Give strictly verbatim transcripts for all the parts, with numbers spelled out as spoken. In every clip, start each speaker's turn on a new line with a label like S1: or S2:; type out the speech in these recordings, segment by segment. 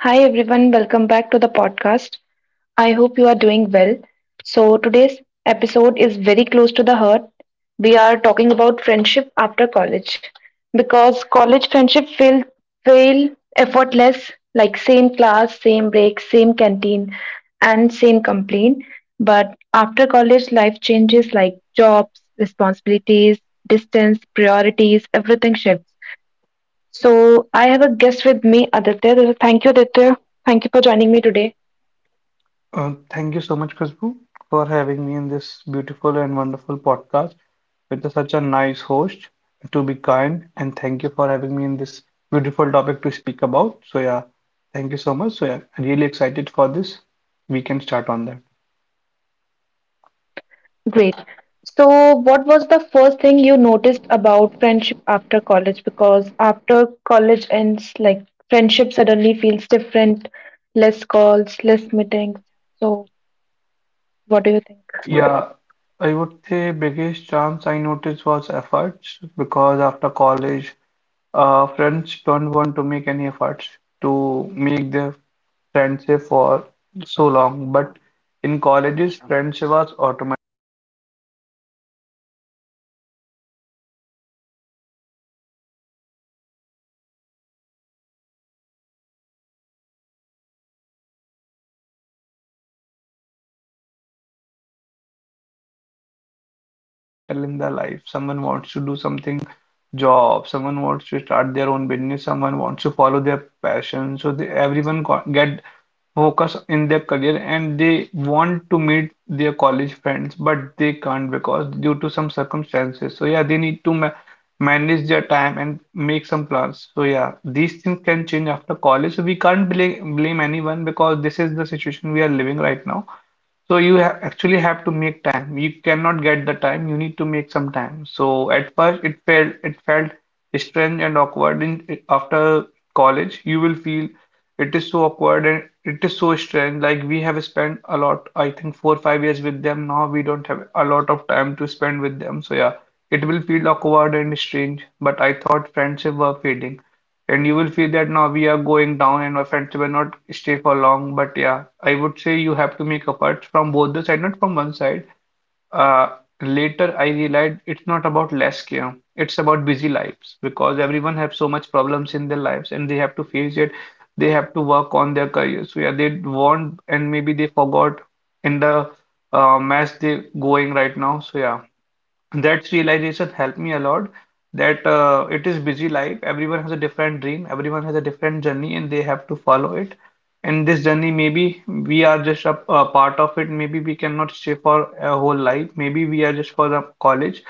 S1: Hi everyone, welcome back to the podcast. I hope you are doing well. So, today's episode is very close to the heart. We are talking about friendship after college because college friendship feel feel effortless, like same class, same break, same canteen, and same complaint. But after college life changes, like jobs, responsibilities, distance, priorities, everything shifts. So I have a guest with me, Aditya. Thank you, Aditya. Thank you for joining me today.
S2: Uh, thank you so much, Khushbu, for having me in this beautiful and wonderful podcast with such a nice host to be kind. And thank you for having me in this beautiful topic to speak about. So, yeah, thank you so much. So, yeah, really excited for this. We can start on that.
S1: Great. So, what was the first thing you noticed about friendship after college? Because after college ends, like friendship suddenly feels different, less calls, less meetings. So, what do you think?
S2: Yeah, I would say biggest chance I noticed was efforts because after college, uh, friends don't want to make any efforts to make their friendship for so long, but in colleges, friendship was automatic. Settle in their life. Someone wants to do something job, someone wants to start their own business, someone wants to follow their passion. So they everyone co- get focus in their career and they want to meet their college friends, but they can't because due to some circumstances. So yeah, they need to ma manage their time and make some plans. So yeah, these things can change after college. So we can't blame blame anyone because this is the situation we are living right now. So you ha actually have to make time. You cannot get the time. You need to make some time. So at first it felt it felt strange and awkward. In after college, you will feel it is so awkward and it is so strange. Like we have spent a lot, I think four five years with them. Now we don't have a lot of time to spend with them. So yeah, it will feel awkward and strange. But I thought friendship were fading. And you will feel that now we are going down and my friends will not stay for long. But yeah, I would say you have to make efforts from both the side, not from one side. Uh, Later I realized it's not about less care. It's about busy lives because everyone have so much problems in their lives and they have to face it. They have to work on their careers. So yeah, they want and maybe they forgot in the uh, mess they going right now. So yeah, that realization helped me a lot that uh, it is busy life. Everyone has a different dream, everyone has a different journey, and they have to follow it. In this journey, maybe we are just a, a part of it. Maybe we cannot stay for a whole life. Maybe we are just for the college.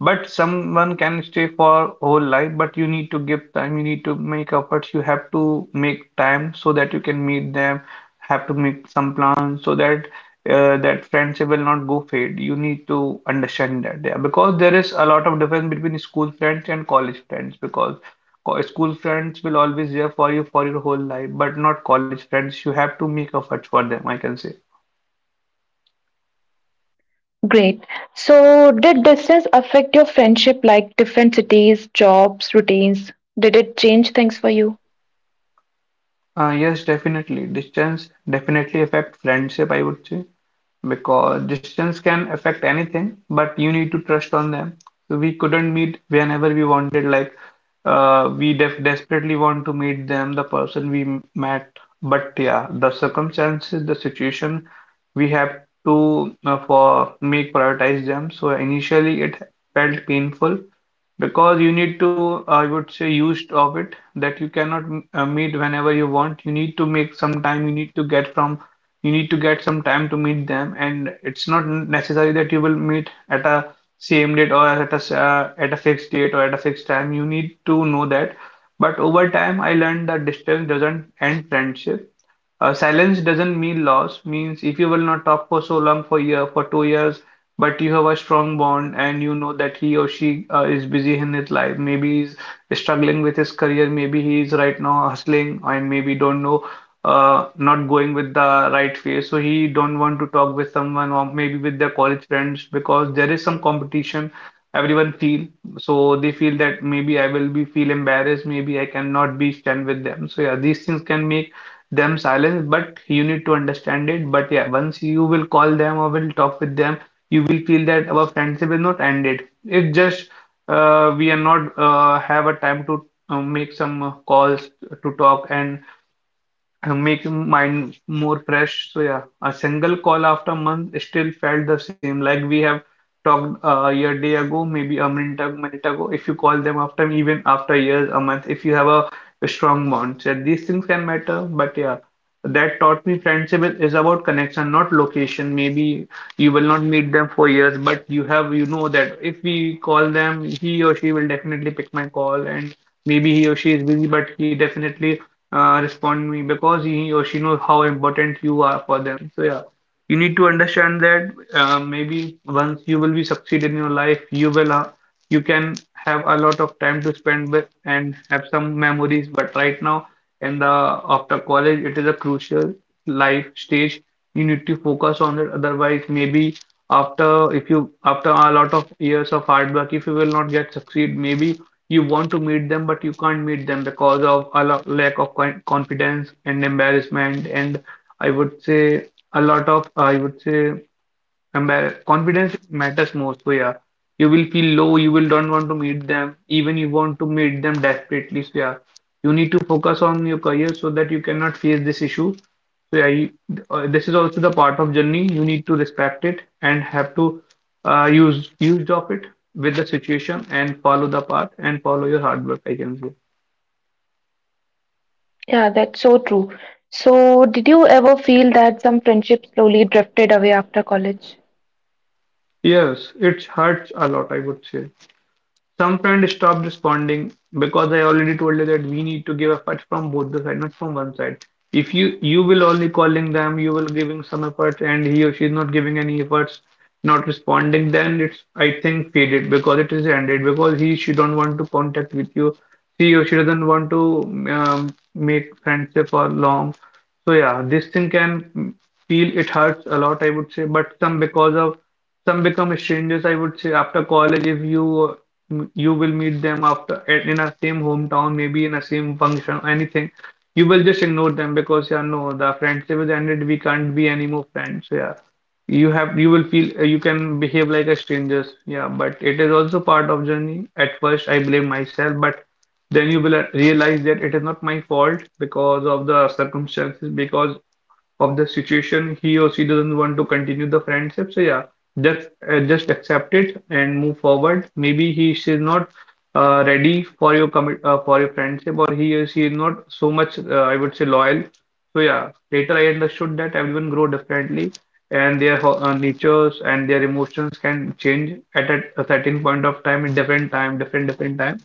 S2: But someone can stay for whole life, but you need to give time, you need to make efforts, you have to make time so that you can meet them, have to make some plans so that uh, that friendship will not go fade. You need to understand that there because there is a lot of difference between school friends and college friends because co- school friends will always there for you for your whole life, but not college friends. You have to make efforts for them, I can say.
S1: Great. So, did distance affect your friendship, like different cities, jobs, routines? Did it change things for you?
S2: Uh, yes, definitely. Distance definitely affect friendship, I would say. Because distance can affect anything, but you need to trust on them. So we couldn't meet whenever we wanted, like uh, we def desperately want to meet them, the person we m- met. But yeah, the circumstances, the situation, we have to uh, for make prioritize them. So initially it felt painful, because you need to I would say used of it that you cannot uh, meet whenever you want you need to make some time you need to get from you need to get some time to meet them and it's not necessary that you will meet at a same date or at a uh, at a fixed date or at a fixed time you need to know that but over time I learned that distance doesn't end friendship. Uh, silence doesn't mean loss, means if you will not talk for so long, for year, for two years, but you have a strong bond and you know that he or she uh, is busy in his life. Maybe he's struggling with his career, maybe he is right now hustling, and maybe don't know, uh, not going with the right way. So he don't want to talk with someone or maybe with their college friends because there is some competition. Everyone feel so they feel that maybe I will be feel embarrassed, maybe I cannot be stand with them. So yeah, these things can make them silence but you need to understand it but yeah once you will call them or will talk with them you will feel that our friendship is not ended it just uh, we are not uh, have a time to uh, make some uh, calls to talk and and make mind more fresh. So yeah, a single call after a month still felt the same. Like we have talked uh, a year day ago, maybe a minute, a minute ago. If you call them after even after years, a month, if you have a, a strong bond, so yeah, these things can matter. But yeah, that taught me friendship is, is about connection, not location. Maybe you will not meet them for years, but you have you know that if we call them, he or she will definitely pick my call and. Maybe he or she is busy, but he definitely uh, respond me because he or she knows how important you are for them. So yeah, you need to understand that uh, maybe once you will be succeed in your life, you will uh, you can have a lot of time to spend with and have some memories. But right now, in the after college, it is a crucial life stage. You need to focus on it. Otherwise, maybe after if you after a lot of years of hard work, if you will not get succeed, maybe you want to meet them but you can't meet them because of a lo- lack of con- confidence and embarrassment and I would say a lot of I would say Compar- Confidence matters most. So yeah, you will feel low. You will don't want to meet them. Even you want to meet them desperately. So yeah, you need to focus on your career so that you cannot face this issue. So yeah, you, uh, this is also the part of journey. You need to respect it and have to uh, use use of it with the situation and follow the path and follow your hard work. I can say.
S1: Yeah, that's so true. So, did you ever feel that some friendships slowly drifted away after college?
S2: Yes, it hurts a lot. I would say. Some friend stopped responding because I already told you that we need to give effort from both the side, not from one side. If you you will only calling them, you will giving some effort, and he or she is not giving any efforts, not responding, then it's I think faded because it is ended because he she don't want to contact with you, she or she doesn't want to um, make friendship for long. So yeah, this thing can mm, feel it hurts a lot, I would say, but some because of some become strangers, I would say, after college, if you m- you will meet them after at- in a same hometown, maybe in a same function, anything. You will just ignore them because yeah, no, the friendship is ended. We can't be any more friends. So yeah, you have you will feel uh, you can behave like a strangers. Yeah, but it is also part of journey. At first, I blame myself, but then you will uh, realize that it is not my fault because of the circumstances. Because of the situation he or she doesn't want to continue the friendship so yeah just uh, just accept it and move forward maybe he she's not uh, ready for your commit uh, for your friendship or he or she is not so much uh, I would say loyal so yeah later I understood that everyone grow differently and their ho- uh, natures and their emotions can change at a, a certain point of time in different time different different time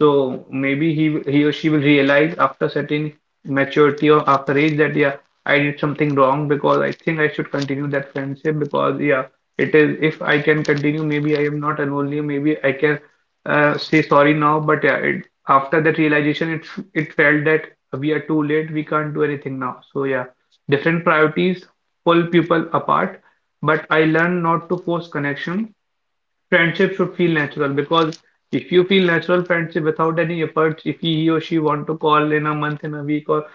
S2: so maybe he he or she will realize after certain maturity or after age that yeah, I did something wrong because I think I should continue that friendship because yeah, it is if I can continue, maybe I am not an only, maybe I can uh, say sorry now. But yeah, it, after that realization, it it felt that we are too late, we can't do anything now. So yeah, different priorities pull people apart, but I learned not to force connection. Friendship should feel natural because if you feel natural friendship without any efforts, if he, he or she want to call in a month, in a week, or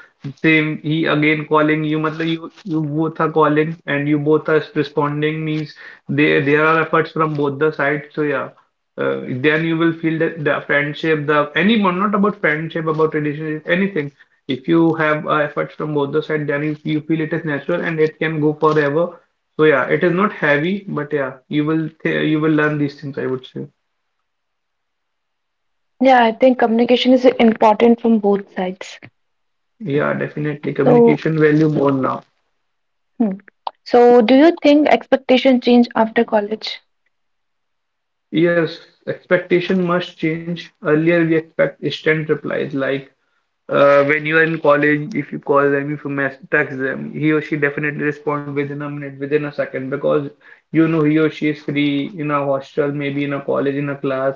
S2: same he again calling you, matlab you you both are calling and you both are responding means there there are efforts from both the sides. So yeah, uh, then you will feel that the friendship, the anyone, not about friendship, about relationship, anything, if you have uh, efforts from both the side, then you, you feel it is natural and it can go forever. So yeah, it is not heavy, but yeah, you will th you will learn these things, I would say.
S1: Yeah, I think communication is important from both sides.
S2: Yeah, definitely
S1: So,
S2: communication value more now.
S1: hmm. so do you think expectation change after college?
S2: Yes, expectation must change. Earlier we expect instant replies like Uh, when you are in college, if you call them, if you mess text them, he or she definitely respond within a minute, within a second, because you know he or she is free in a hostel, maybe in a college, in a class,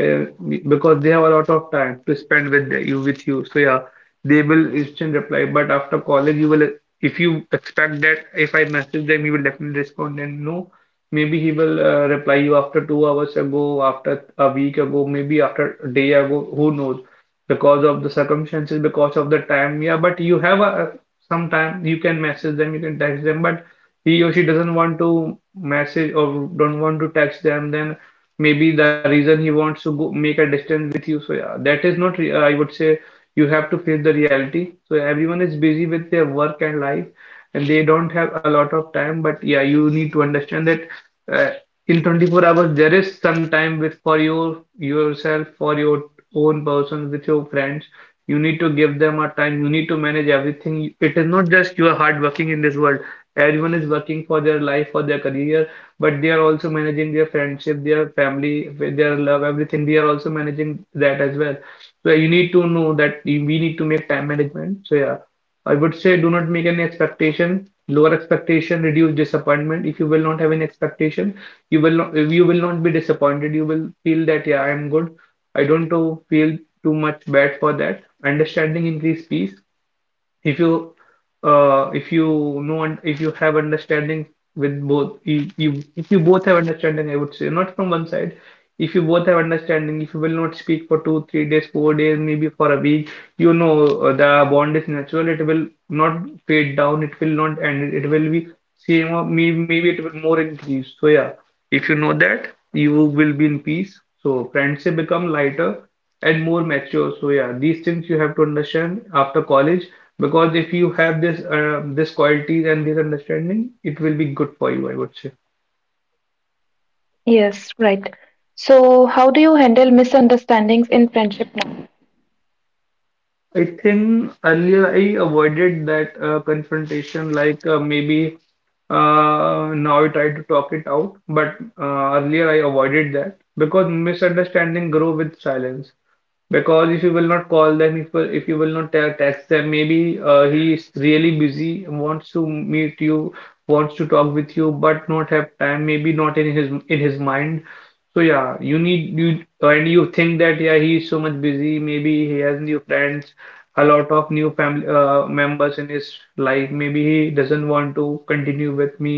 S2: uh, because they have a lot of time to spend with the- you, with you. So yeah, they will instant reply. But after college, you will, if you expect that, if I message them, he will definitely respond. And no, maybe he will uh, reply you after two hours ago, after a week ago, maybe after a day ago. Who knows? Because of the circumstances, because of the time. Yeah, but you have a some time. You can message them, you can text them. But he or she doesn't want to message or don't want to text them. Then maybe the reason he wants to go make a distance with you. So yeah, that is not. re- uh, I would say you have to face the reality. So everyone is busy with their work and life, and they don't have a lot of time. But yeah, you need to understand that. Uh, in twenty-four hours there is some time with for your yourself, for your own person, with your friends. You need to give them a time, you need to manage everything. It is not just you are hard working in this world, everyone is working for their life, for their career, but they are also managing their friendship, their family, their love, everything. They are also managing that as well, so you need to know that we need to make time management. So yeah, I would say do not make any expectation. Lower expectation, reduce disappointment. If you will not have any expectation, you will not you will not be disappointed. You will feel that yeah, I am good. I don't know, feel too much bad for that. Understanding increase peace, if you uh, if you know and if you have understanding with both you, you if you both have understanding, I would say not from one side. If you both have understanding, if you will not speak for two three days four days, maybe for a week, you know, uh, the bond is natural, it will not fade down, it will not end, it will be same, or maybe, maybe it will more increase. So yeah, if you know that, you will be in peace, so friendship become lighter and more mature. So yeah, these things you have to understand after college, because if you have this uh, this qualities and this understanding, it will be good for you, I would say.
S1: Yes, right. So, how do you handle misunderstandings in friendship now?
S2: I think earlier I avoided that uh, confrontation, like uh, maybe uh, now I try to talk it out, but uh, earlier I avoided that because misunderstanding grow with silence. Because if you will not call them, if will- if you will not te- text them, maybe uh, he is really busy, wants to meet you, wants to talk with you, but not have time. Maybe not in his in his mind. So yeah, you need you and you think that yeah, he is so much busy. Maybe he has new friends, a lot of new family uh, members in his life. Maybe he doesn't want to continue with me.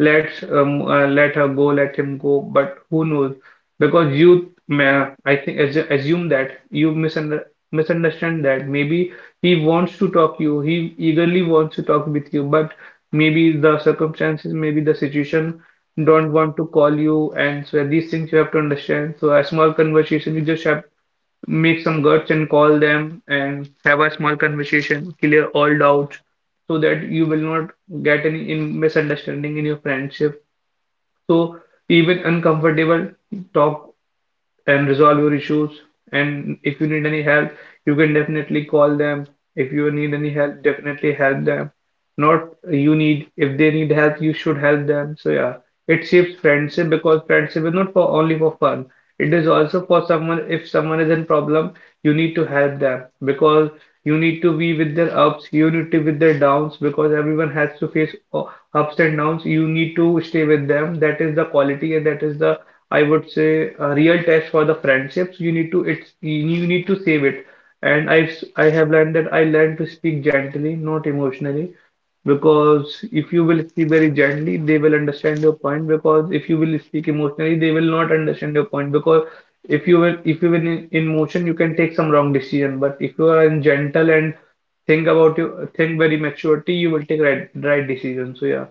S2: Let's um, uh, let her go, let him go. But who knows? Because you ma- I think as, assume that you misunder misunderstand that maybe he wants to talk you, he eagerly wants to talk with you, but maybe the circumstances, maybe the situation don't want to call you. And so these things you have to understand. So a small conversation, you just have make some guts and call them and have a small conversation, clear all doubts, so that you will not get any in misunderstanding in your friendship. So even uncomfortable talk and resolve your issues. And if you need any help, you can definitely call them. If you need any help, definitely help them. Not you need, if they need help, you should help them. So yeah, it shapes friendship because friendship is not for only for fun. It is also for someone, if someone is in problem, you need to help them, because you need to be with their ups, you need to be with their downs, because everyone has to face uh, ups and downs. You need to stay with them. That is the quality and that is the I would say a real test for the friendships. You need to it's you need to save it. And I've s- I have learned that I learned to speak gently, not emotionally, because if you will speak very gently, they will understand your point. Because if you will speak emotionally, they will not understand your point. Because if you will if you will in, in motion, you can take some wrong decision. But if you are in gentle and think about you think very maturity, you will take right right decision. So yeah,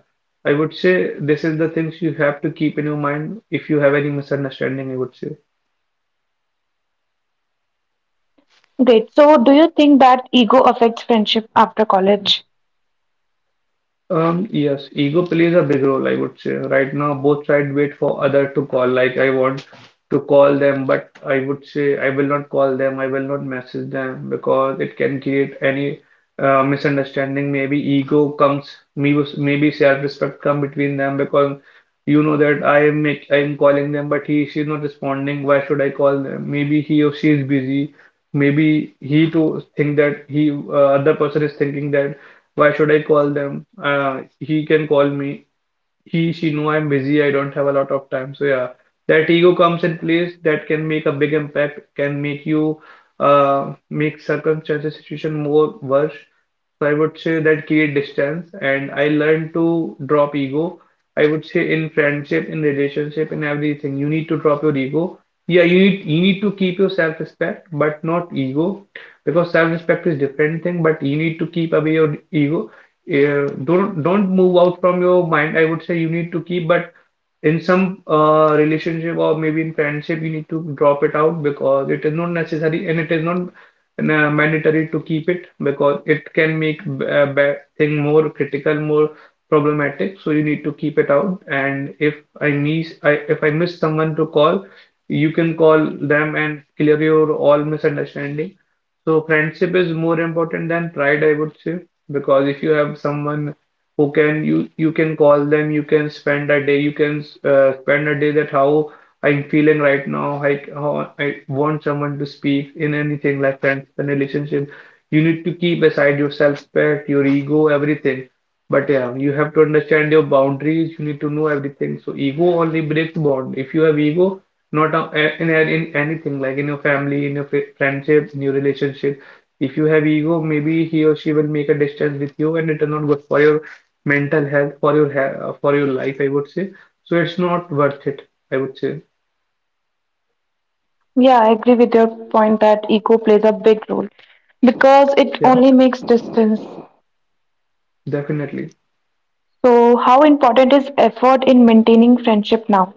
S2: I would say this is the things you have to keep in your mind if you have any misunderstanding, I would say.
S1: Great. So, do you think that ego affects friendship after college?
S2: Um, yes, ego plays a big role, I would say. Right now, both sides wait for other to call. Like I want to call them, but I would say I will not call them. I will not message them because it can create any uh, misunderstanding. Maybe ego comes, maybe maybe self-respect come between them because you know that I am make I am calling them, but he she's not responding. Why should I call them? Maybe he or she is busy. Maybe he too think that he uh, other person is thinking that. Why should I call them? Uh, he can call me. He, she know I'm busy. I don't have a lot of time. So yeah, that ego comes in place, that can make a big impact, can make you uh, make circumstances, situation more worse. So I would say that create distance, and I learned to drop ego. I would say in friendship, in relationship, in everything, you need to drop your ego. Yeah, you need you need to keep your self-respect, but not ego, because self-respect is different thing, but you need to keep away your ego. Uh, don't don't move out from your mind, I would say you need to keep, but in some uh, relationship or maybe in friendship, you need to drop it out because it is not necessary and it is not uh, mandatory to keep it, because it can make a bad thing more critical, more problematic. So you need to keep it out. And if I miss, I if I miss someone to call, you can call them and clear your all misunderstanding. So friendship is more important than pride, I would say, because if you have someone who can you you can call them, you can spend a day, you can uh, spend a day. That how I'm feeling right now, I how I want someone to speak in anything like friends and relationship, you need to keep aside your self-respect, your ego, everything. But yeah, you have to understand your boundaries, you need to know everything. So ego only breaks bond. If you have ego, not a- in, in anything like in your family, in your fri- friendship, in your relationship, if you have ego, maybe he or she will make a distance with you, and it is not good for your mental health, for your ha for your life, I would say. So it's not worth it, I would say.
S1: Yeah, I agree with your point that ego plays a big role because it
S2: Yeah,
S1: only makes distance.
S2: definitely.
S1: So, how important is effort in maintaining friendship now?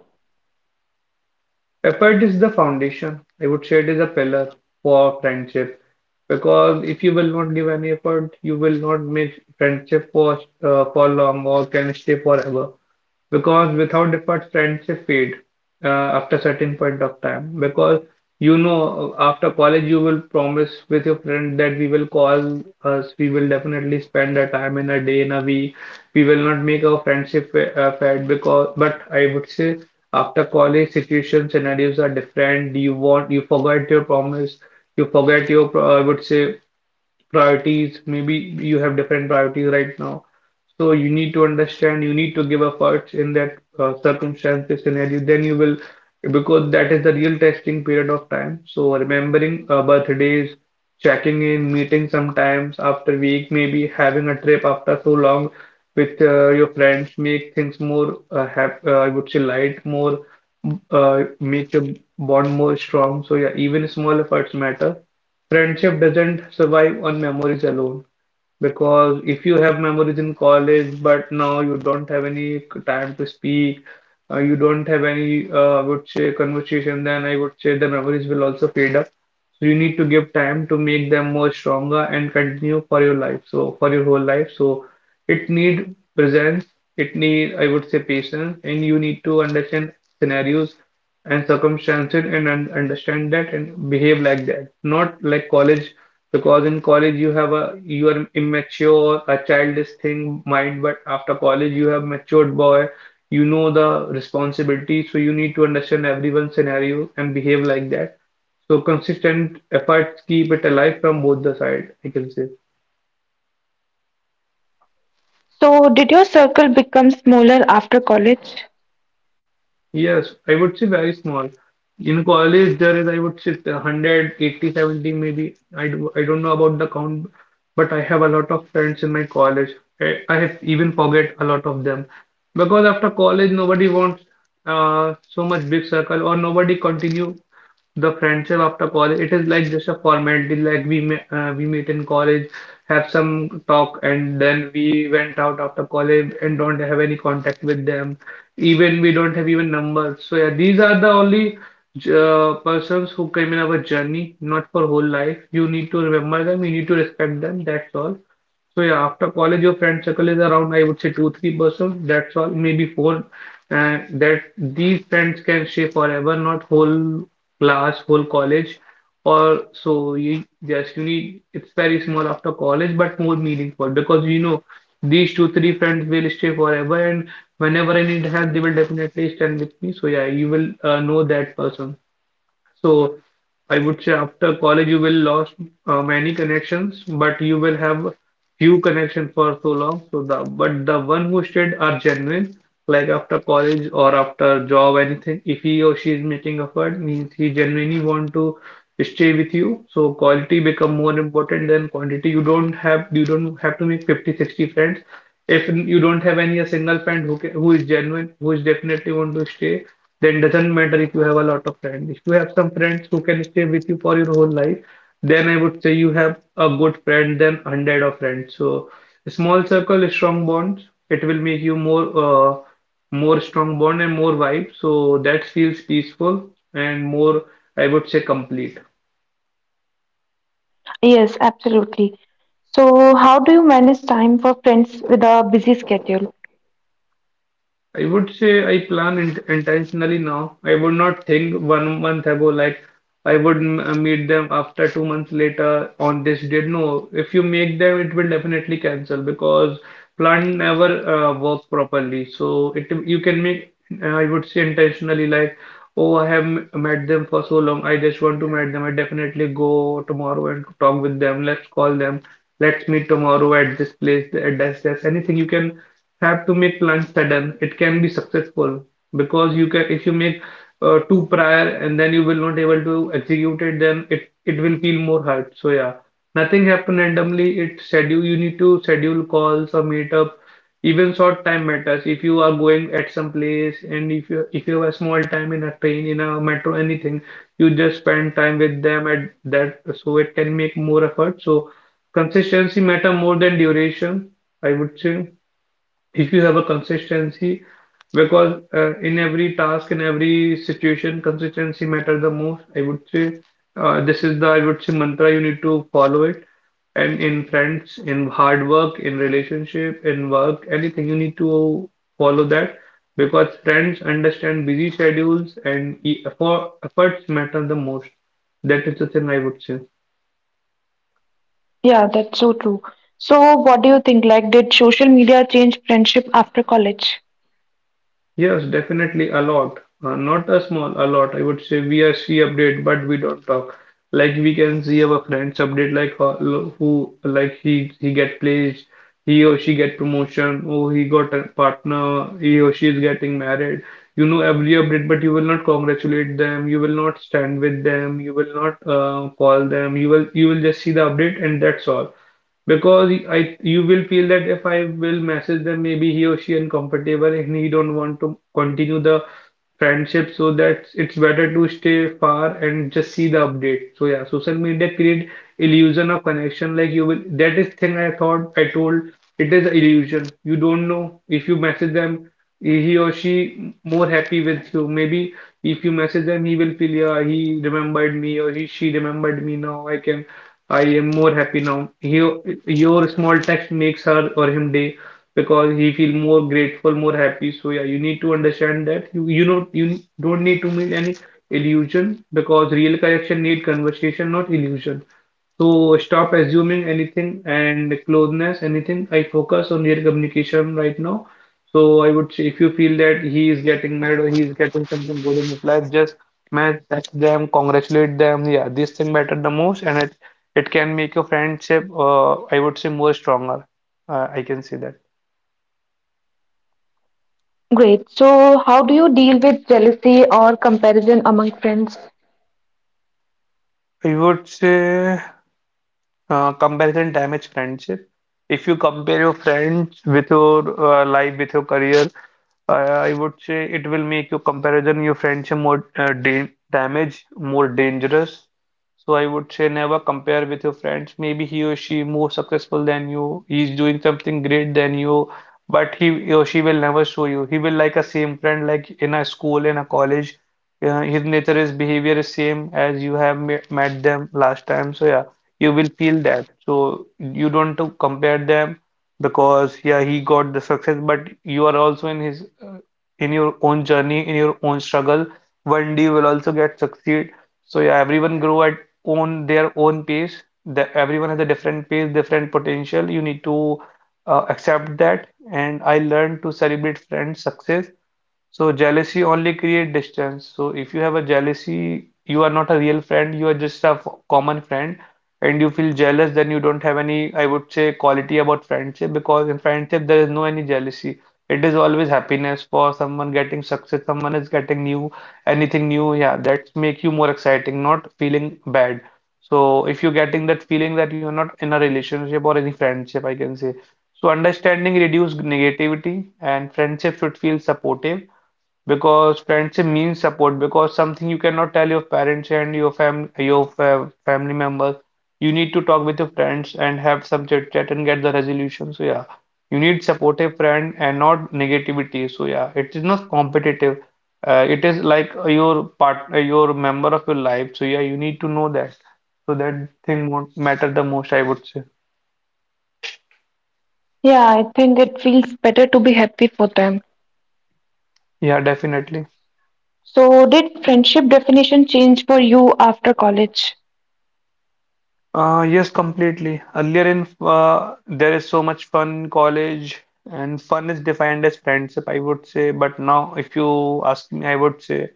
S2: Effort is the foundation. I would say it is a pillar for friendship because if you will not give any effort, you will not make friendship for uh, for long or can stay forever. Because without effort friendship fade uh, after certain point of time. Because you know after college you will promise with your friend that we will call us, we will definitely spend a time in a day, in a week, we will not make our friendship fa- uh, fad, because but I would say after college situations, scenarios are different. You want, you forget your promise, you forget your pro- I would say priorities maybe. You have different priorities right now. So you need to understand, you need to give efforts in that uh, circumstance, scenario, then you will, because that is the real testing period of time. So remembering uh, birthdays, checking in, meeting sometimes after week, maybe having a trip after so long with uh, your friends make things more uh, hap uh, I would say light more, uh, make your bond more strong. So yeah, even small efforts matter. Friendship doesn't survive on memories alone. Because if you have memories in college, but now you don't have any time to speak, uh, you don't have any, uh, I would say, conversation, then I would say the memories will also fade up. So you need to give time to make them more stronger and continue for your life. So for your whole life. So it need presence, it need, I would say, patience, and you need to understand scenarios and circumstances and un understand that and behave like that. Not like college, because in college you have a you are immature, a childish thing mind, but after college you have matured boy, you know the responsibility, so you need to understand everyone's scenario and behave like that. So consistent efforts keep it alive from both the side, I can say.
S1: So, did your circle become smaller after college?
S2: Yes, I would say very small. In college, there is, I would say, a hundred, eighty, seventy maybe. I do, I don't know about the count, but I have a lot of friends in my college. I, I have even forget a lot of them, because after college, nobody wants uh, so much big circle, or nobody continue the friendship after college. It is like just a formality, like we me uh, we meet in college, have some talk, and then we went out after college and don't have any contact with them. Even we don't have even numbers. So yeah, these are the only uh, persons who came in our journey, not for whole life. You need to remember them, you need to respect them, that's all. So yeah, after college, your friend circle is around, I would say two, three persons. That's all, maybe four. And that these friends can stay forever, not whole class, whole college. Or so you just you need, it's very small after college, but more meaningful, because you know these two, three friends will stay forever, and whenever I need help, they will definitely stand with me. So yeah, you will uh, know that person. So I would say after college you will lost uh, many connections, but you will have few connections for so long. So the but the one who stayed are genuine. Like after college or after job, anything. If he or she is making effort, means he genuinely want to stay with you. So quality become more important than quantity. You don't have you don't have to make fifty sixty friends. If you don't have any a single friend who ca- who is genuine, who is definitely want to stay, then doesn't matter if you have a lot of friends. If you have some friends who can stay with you for your whole life, then I would say you have a good friend than hundred of friends. So small circle, strong bonds. It will make you more uh, more strong bond and more vibe. So that feels peaceful and more, I would say, complete.
S1: Yes, absolutely. So, how do you manage time for friends with a busy schedule?
S2: I would say I plan int intentionally now. I would not think one month ago, like I would m- uh, meet them after two months later on this date. No, if you make them, it will definitely cancel, because plan never uh, works properly. So it, you can make uh, I would say intentionally, like oh I have m- met them for so long. I just want to meet them. I definitely go tomorrow and talk with them. Let's call them. Let's meet tomorrow at this place, at this, this. Anything. You can have to make plans sudden, it can be successful, because you can if you make uh, two prior and then you will not able to execute it, then it it will feel more hard. So yeah, nothing happen randomly. It schedule, you need to schedule calls or meetup. Even short time matters. If you are going at some place, and if you if you have small time in a train, in a metro, anything, you just spend time with them at that. So it can make more effort. So consistency matter more than duration, I would say. If you have a consistency, because uh, in every task, in every situation, consistency matters the most, I would say. Uh, this is the, I would say, mantra. You need to follow it. And in friends, in hard work, in relationship, in work, anything, you need to follow that, because friends understand busy schedules, and e- effort, efforts matter the most. That is the thing, I would say.
S1: Yeah, that's so true. So, what do you think? Like, did social media change friendship after college?
S2: Yes, definitely a lot. Uh, not a small, a lot. I would say we are see update, but we don't talk. Like we can see our friends update, like how, who, like he he get placed, he or she get promotion, oh he got a partner, he or she is getting married. You know every update, but you will not congratulate them. You will not stand with them. You will not uh, call them. You will you will just see the update, and that's all, because I you will feel that if I will message them, maybe he or she uncomfortable and he don't want to continue the friendship. So that it's better to stay far and just see the update. So yeah, social media create illusion of connection. Like you will, that is thing I thought I told, it is illusion. You don't know, if you message them, he or she more happy with you maybe. If you message them, he will feel yeah, he remembered me, or he she remembered me, now I can, I am more happy now, he, your small text makes her or him day, because he feel more grateful, more happy. So yeah, you need to understand that, you you know you don't need to make any illusion, because real connection need conversation, not illusion. So stop assuming anything and closeness, anything. I focus on real communication right now. So I would say if you feel that he is getting married or he is getting something good in his life, just man, text them, congratulate them. Yeah, this thing matter the most, and it it can make your friendship, uh, I would say, more stronger. Uh, I can say that.
S1: Great. So, how do you deal with jealousy or comparison among friends?
S2: I would say Uh, comparison damage friendship. If you compare your friends with your uh, life, with your career, I I would say it will make your comparison, your friendship more uh, da damage, more dangerous. So I would say never compare with your friends. Maybe he or she more successful than you. He's doing something great than you, but he or she will never show you. He will like a same friend, like in a school, in a college. Uh, his nature, his behavior is same as you have me- met them last time. So yeah, you will feel that. So you don't to compare them, because yeah, he got the success, but you are also in his uh, in your own journey, in your own struggle. One day you will also get succeed. So yeah, everyone grow at own their own pace. The, everyone has a different pace, different potential. You need to uh, accept that. And I learned to celebrate friends' success. So jealousy only create distance. So if you have a jealousy, you are not a real friend, you are just a f- common friend, and you feel jealous, then you don't have any, I would say, quality about friendship, because in friendship there is no any jealousy. It is always happiness for someone getting success, someone is getting new, anything new. Yeah, that's make you more exciting, not feeling bad. So if you're getting that feeling, that you're not in a relationship or any friendship, I can say. So understanding reduce negativity, and friendship should feel supportive, because friendship means support, because something you cannot tell your parents and your fam your fa family members, you need to talk with your friends and have some chit chat and get the resolution. So yeah, you need supportive friend and not negativity. So yeah, it is not competitive, uh, it is like your part, your member of your life. So yeah, you need to know that. So that thing won't matter the most, I would say.
S1: Yeah, I think it feels better to be happy for them.
S2: Yeah, definitely.
S1: So, did friendship definition change for you after college?
S2: Uh, yes, completely. Earlier in uh, there is so much fun in college, and fun is defined as friendship, I would say. But now, if you ask me, I would say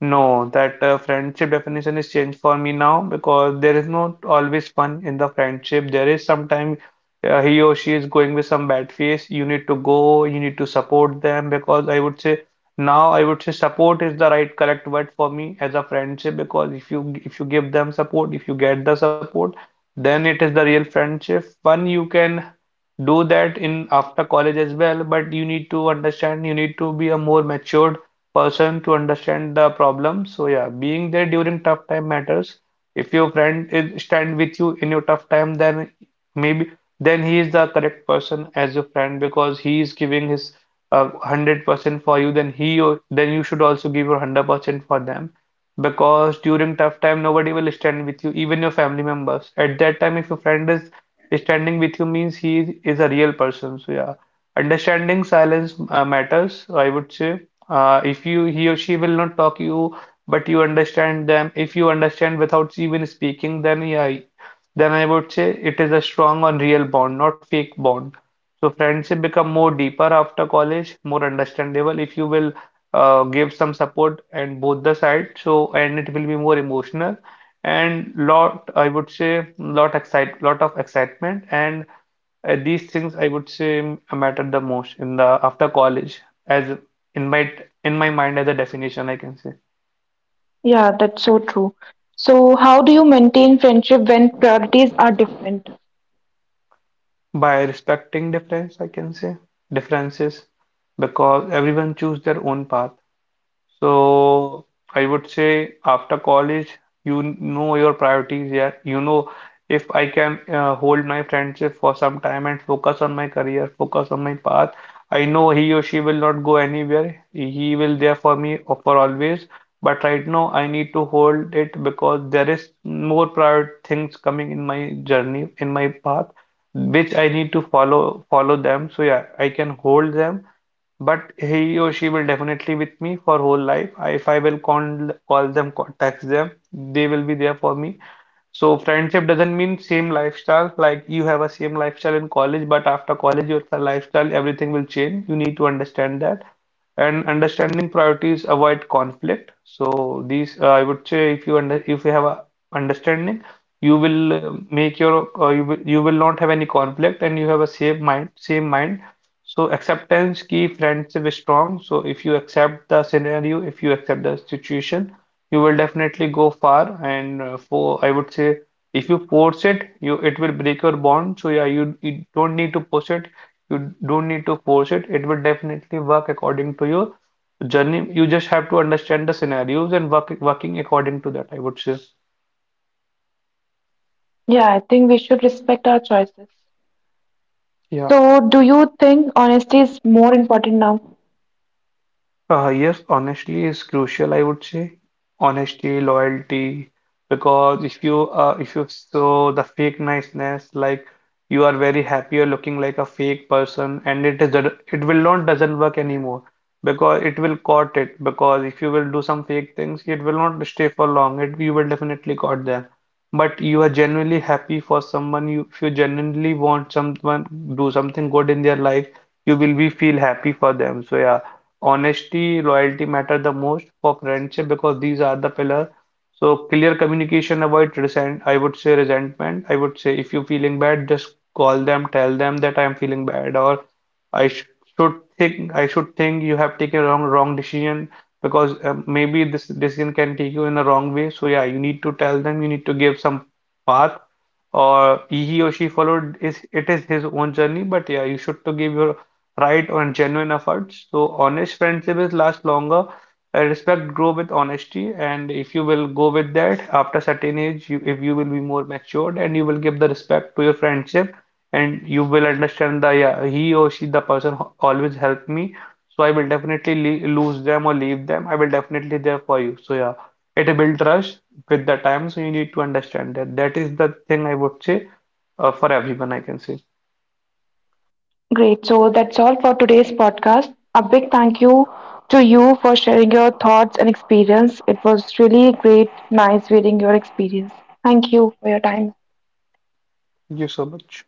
S2: no, that uh, friendship definition is changed for me now, because there is not always fun in the friendship. There is sometimes uh, he or she is going with some bad face. You need to go, you need to support them because I would say now I would say support is the right correct word for me as a friendship because if you if you give them support, if you get the support, then it is the real friendship. Fun you can do that in after college as well, but you need to understand, you need to be a more matured person to understand the problem. So yeah, being there during tough time matters. If your friend is stand with you in your tough time, then maybe then he is the correct person as your friend because he is giving his uh, one hundred percent for you. Then he or then you should also give your one hundred percent for them because during tough time nobody will stand with you, even your family members. At that time, if your friend is standing with you means he is a real person. So yeah. Understanding silence uh, matters, I would say. Uh, if you he or she will not talk you, but you understand them. If you understand without even speaking, then yeah, then I would say it is a strong and real bond, not fake bond. So friendship become more deeper after college, more understandable if you will uh, give some support and both the side. So and it will be more emotional and lot I would say lot excite lot of excitement and uh, these things I would say mattered the most in the after college, as in my in my mind as a definition I can say.
S1: Yeah, that's so true. So, how do you maintain friendship when priorities are different?
S2: By respecting difference, I can say differences, because everyone choose their own path. So I would say after college, you know your priorities. Yeah, you know if I can uh, hold my friendship for some time and focus on my career, focus on my path. I know he or she will not go anywhere. He will there for me or for always. But right now, I need to hold it because there is more prior things coming in my journey, in my path, which I need to follow follow them. So yeah, I can hold them but he or she will definitely with me for whole life. I, if I will con call them, contact them, they will be there for me. So friendship doesn't mean same lifestyle, like you have a same lifestyle in college, but after college your lifestyle, everything will change. You need to understand that. And understanding priorities avoid conflict. So these, uh, I would say, if you under, if you have a understanding, you will uh, make your, uh, you will, you will not have any conflict, and you have a same mind, same mind. So acceptance key friendship is strong. So if you accept the scenario, if you accept the situation, you will definitely go far and uh, for I would say if you force it you it will break your bond so yeah you, you don't need to push it you don't need to force it it will definitely work according to your journey you just have to understand the scenarios and work working according to that I would say
S1: Yeah, I think we should respect our choices.
S2: yeah.
S1: So, do you think honesty is more important now?
S2: Uh, yes, honestly, is crucial, I would say. Honesty, loyalty, because if you uh, if you show the fake niceness, like you are very happy, you're looking like a fake person, and it is that- it will not doesn't work anymore because it will caught it. Because if you will do some fake things, it will not stay for long. It you will definitely caught them. But you are genuinely happy for someone. You if you genuinely want someone do something good in their life, you will be feel happy for them. So yeah honesty, loyalty matter the most for friendship because these are the pillar. So clear communication, avoid resent, I would say resentment. I would say if you're feeling bad, just call them, tell them that I'm feeling bad, or I sh should think I should think you have taken a wrong wrong decision because um, maybe this decision can take you in a wrong way. So yeah, you need to tell them, you need to give some path or he or she followed is it is his own journey, but yeah, you should to give your right on genuine efforts. So honest friendship is last longer. Uh, Respect grow with honesty, and if you will go with that after certain age, you, if you will be more matured and you will give the respect to your friendship, and you will understand that yeah, he or she, the person ho- always helped me, so I will definitely le lose them or leave them. I will definitely there for you. So yeah, it build trust with the time. So you need to understand that. That is the thing I would say uh, for everyone. I can say.
S1: Great. So, that's all for today's podcast. A big thank you to you for sharing your thoughts and experience. It was really great, nice reading your experience. Thank you for your time.
S2: Thank you so much.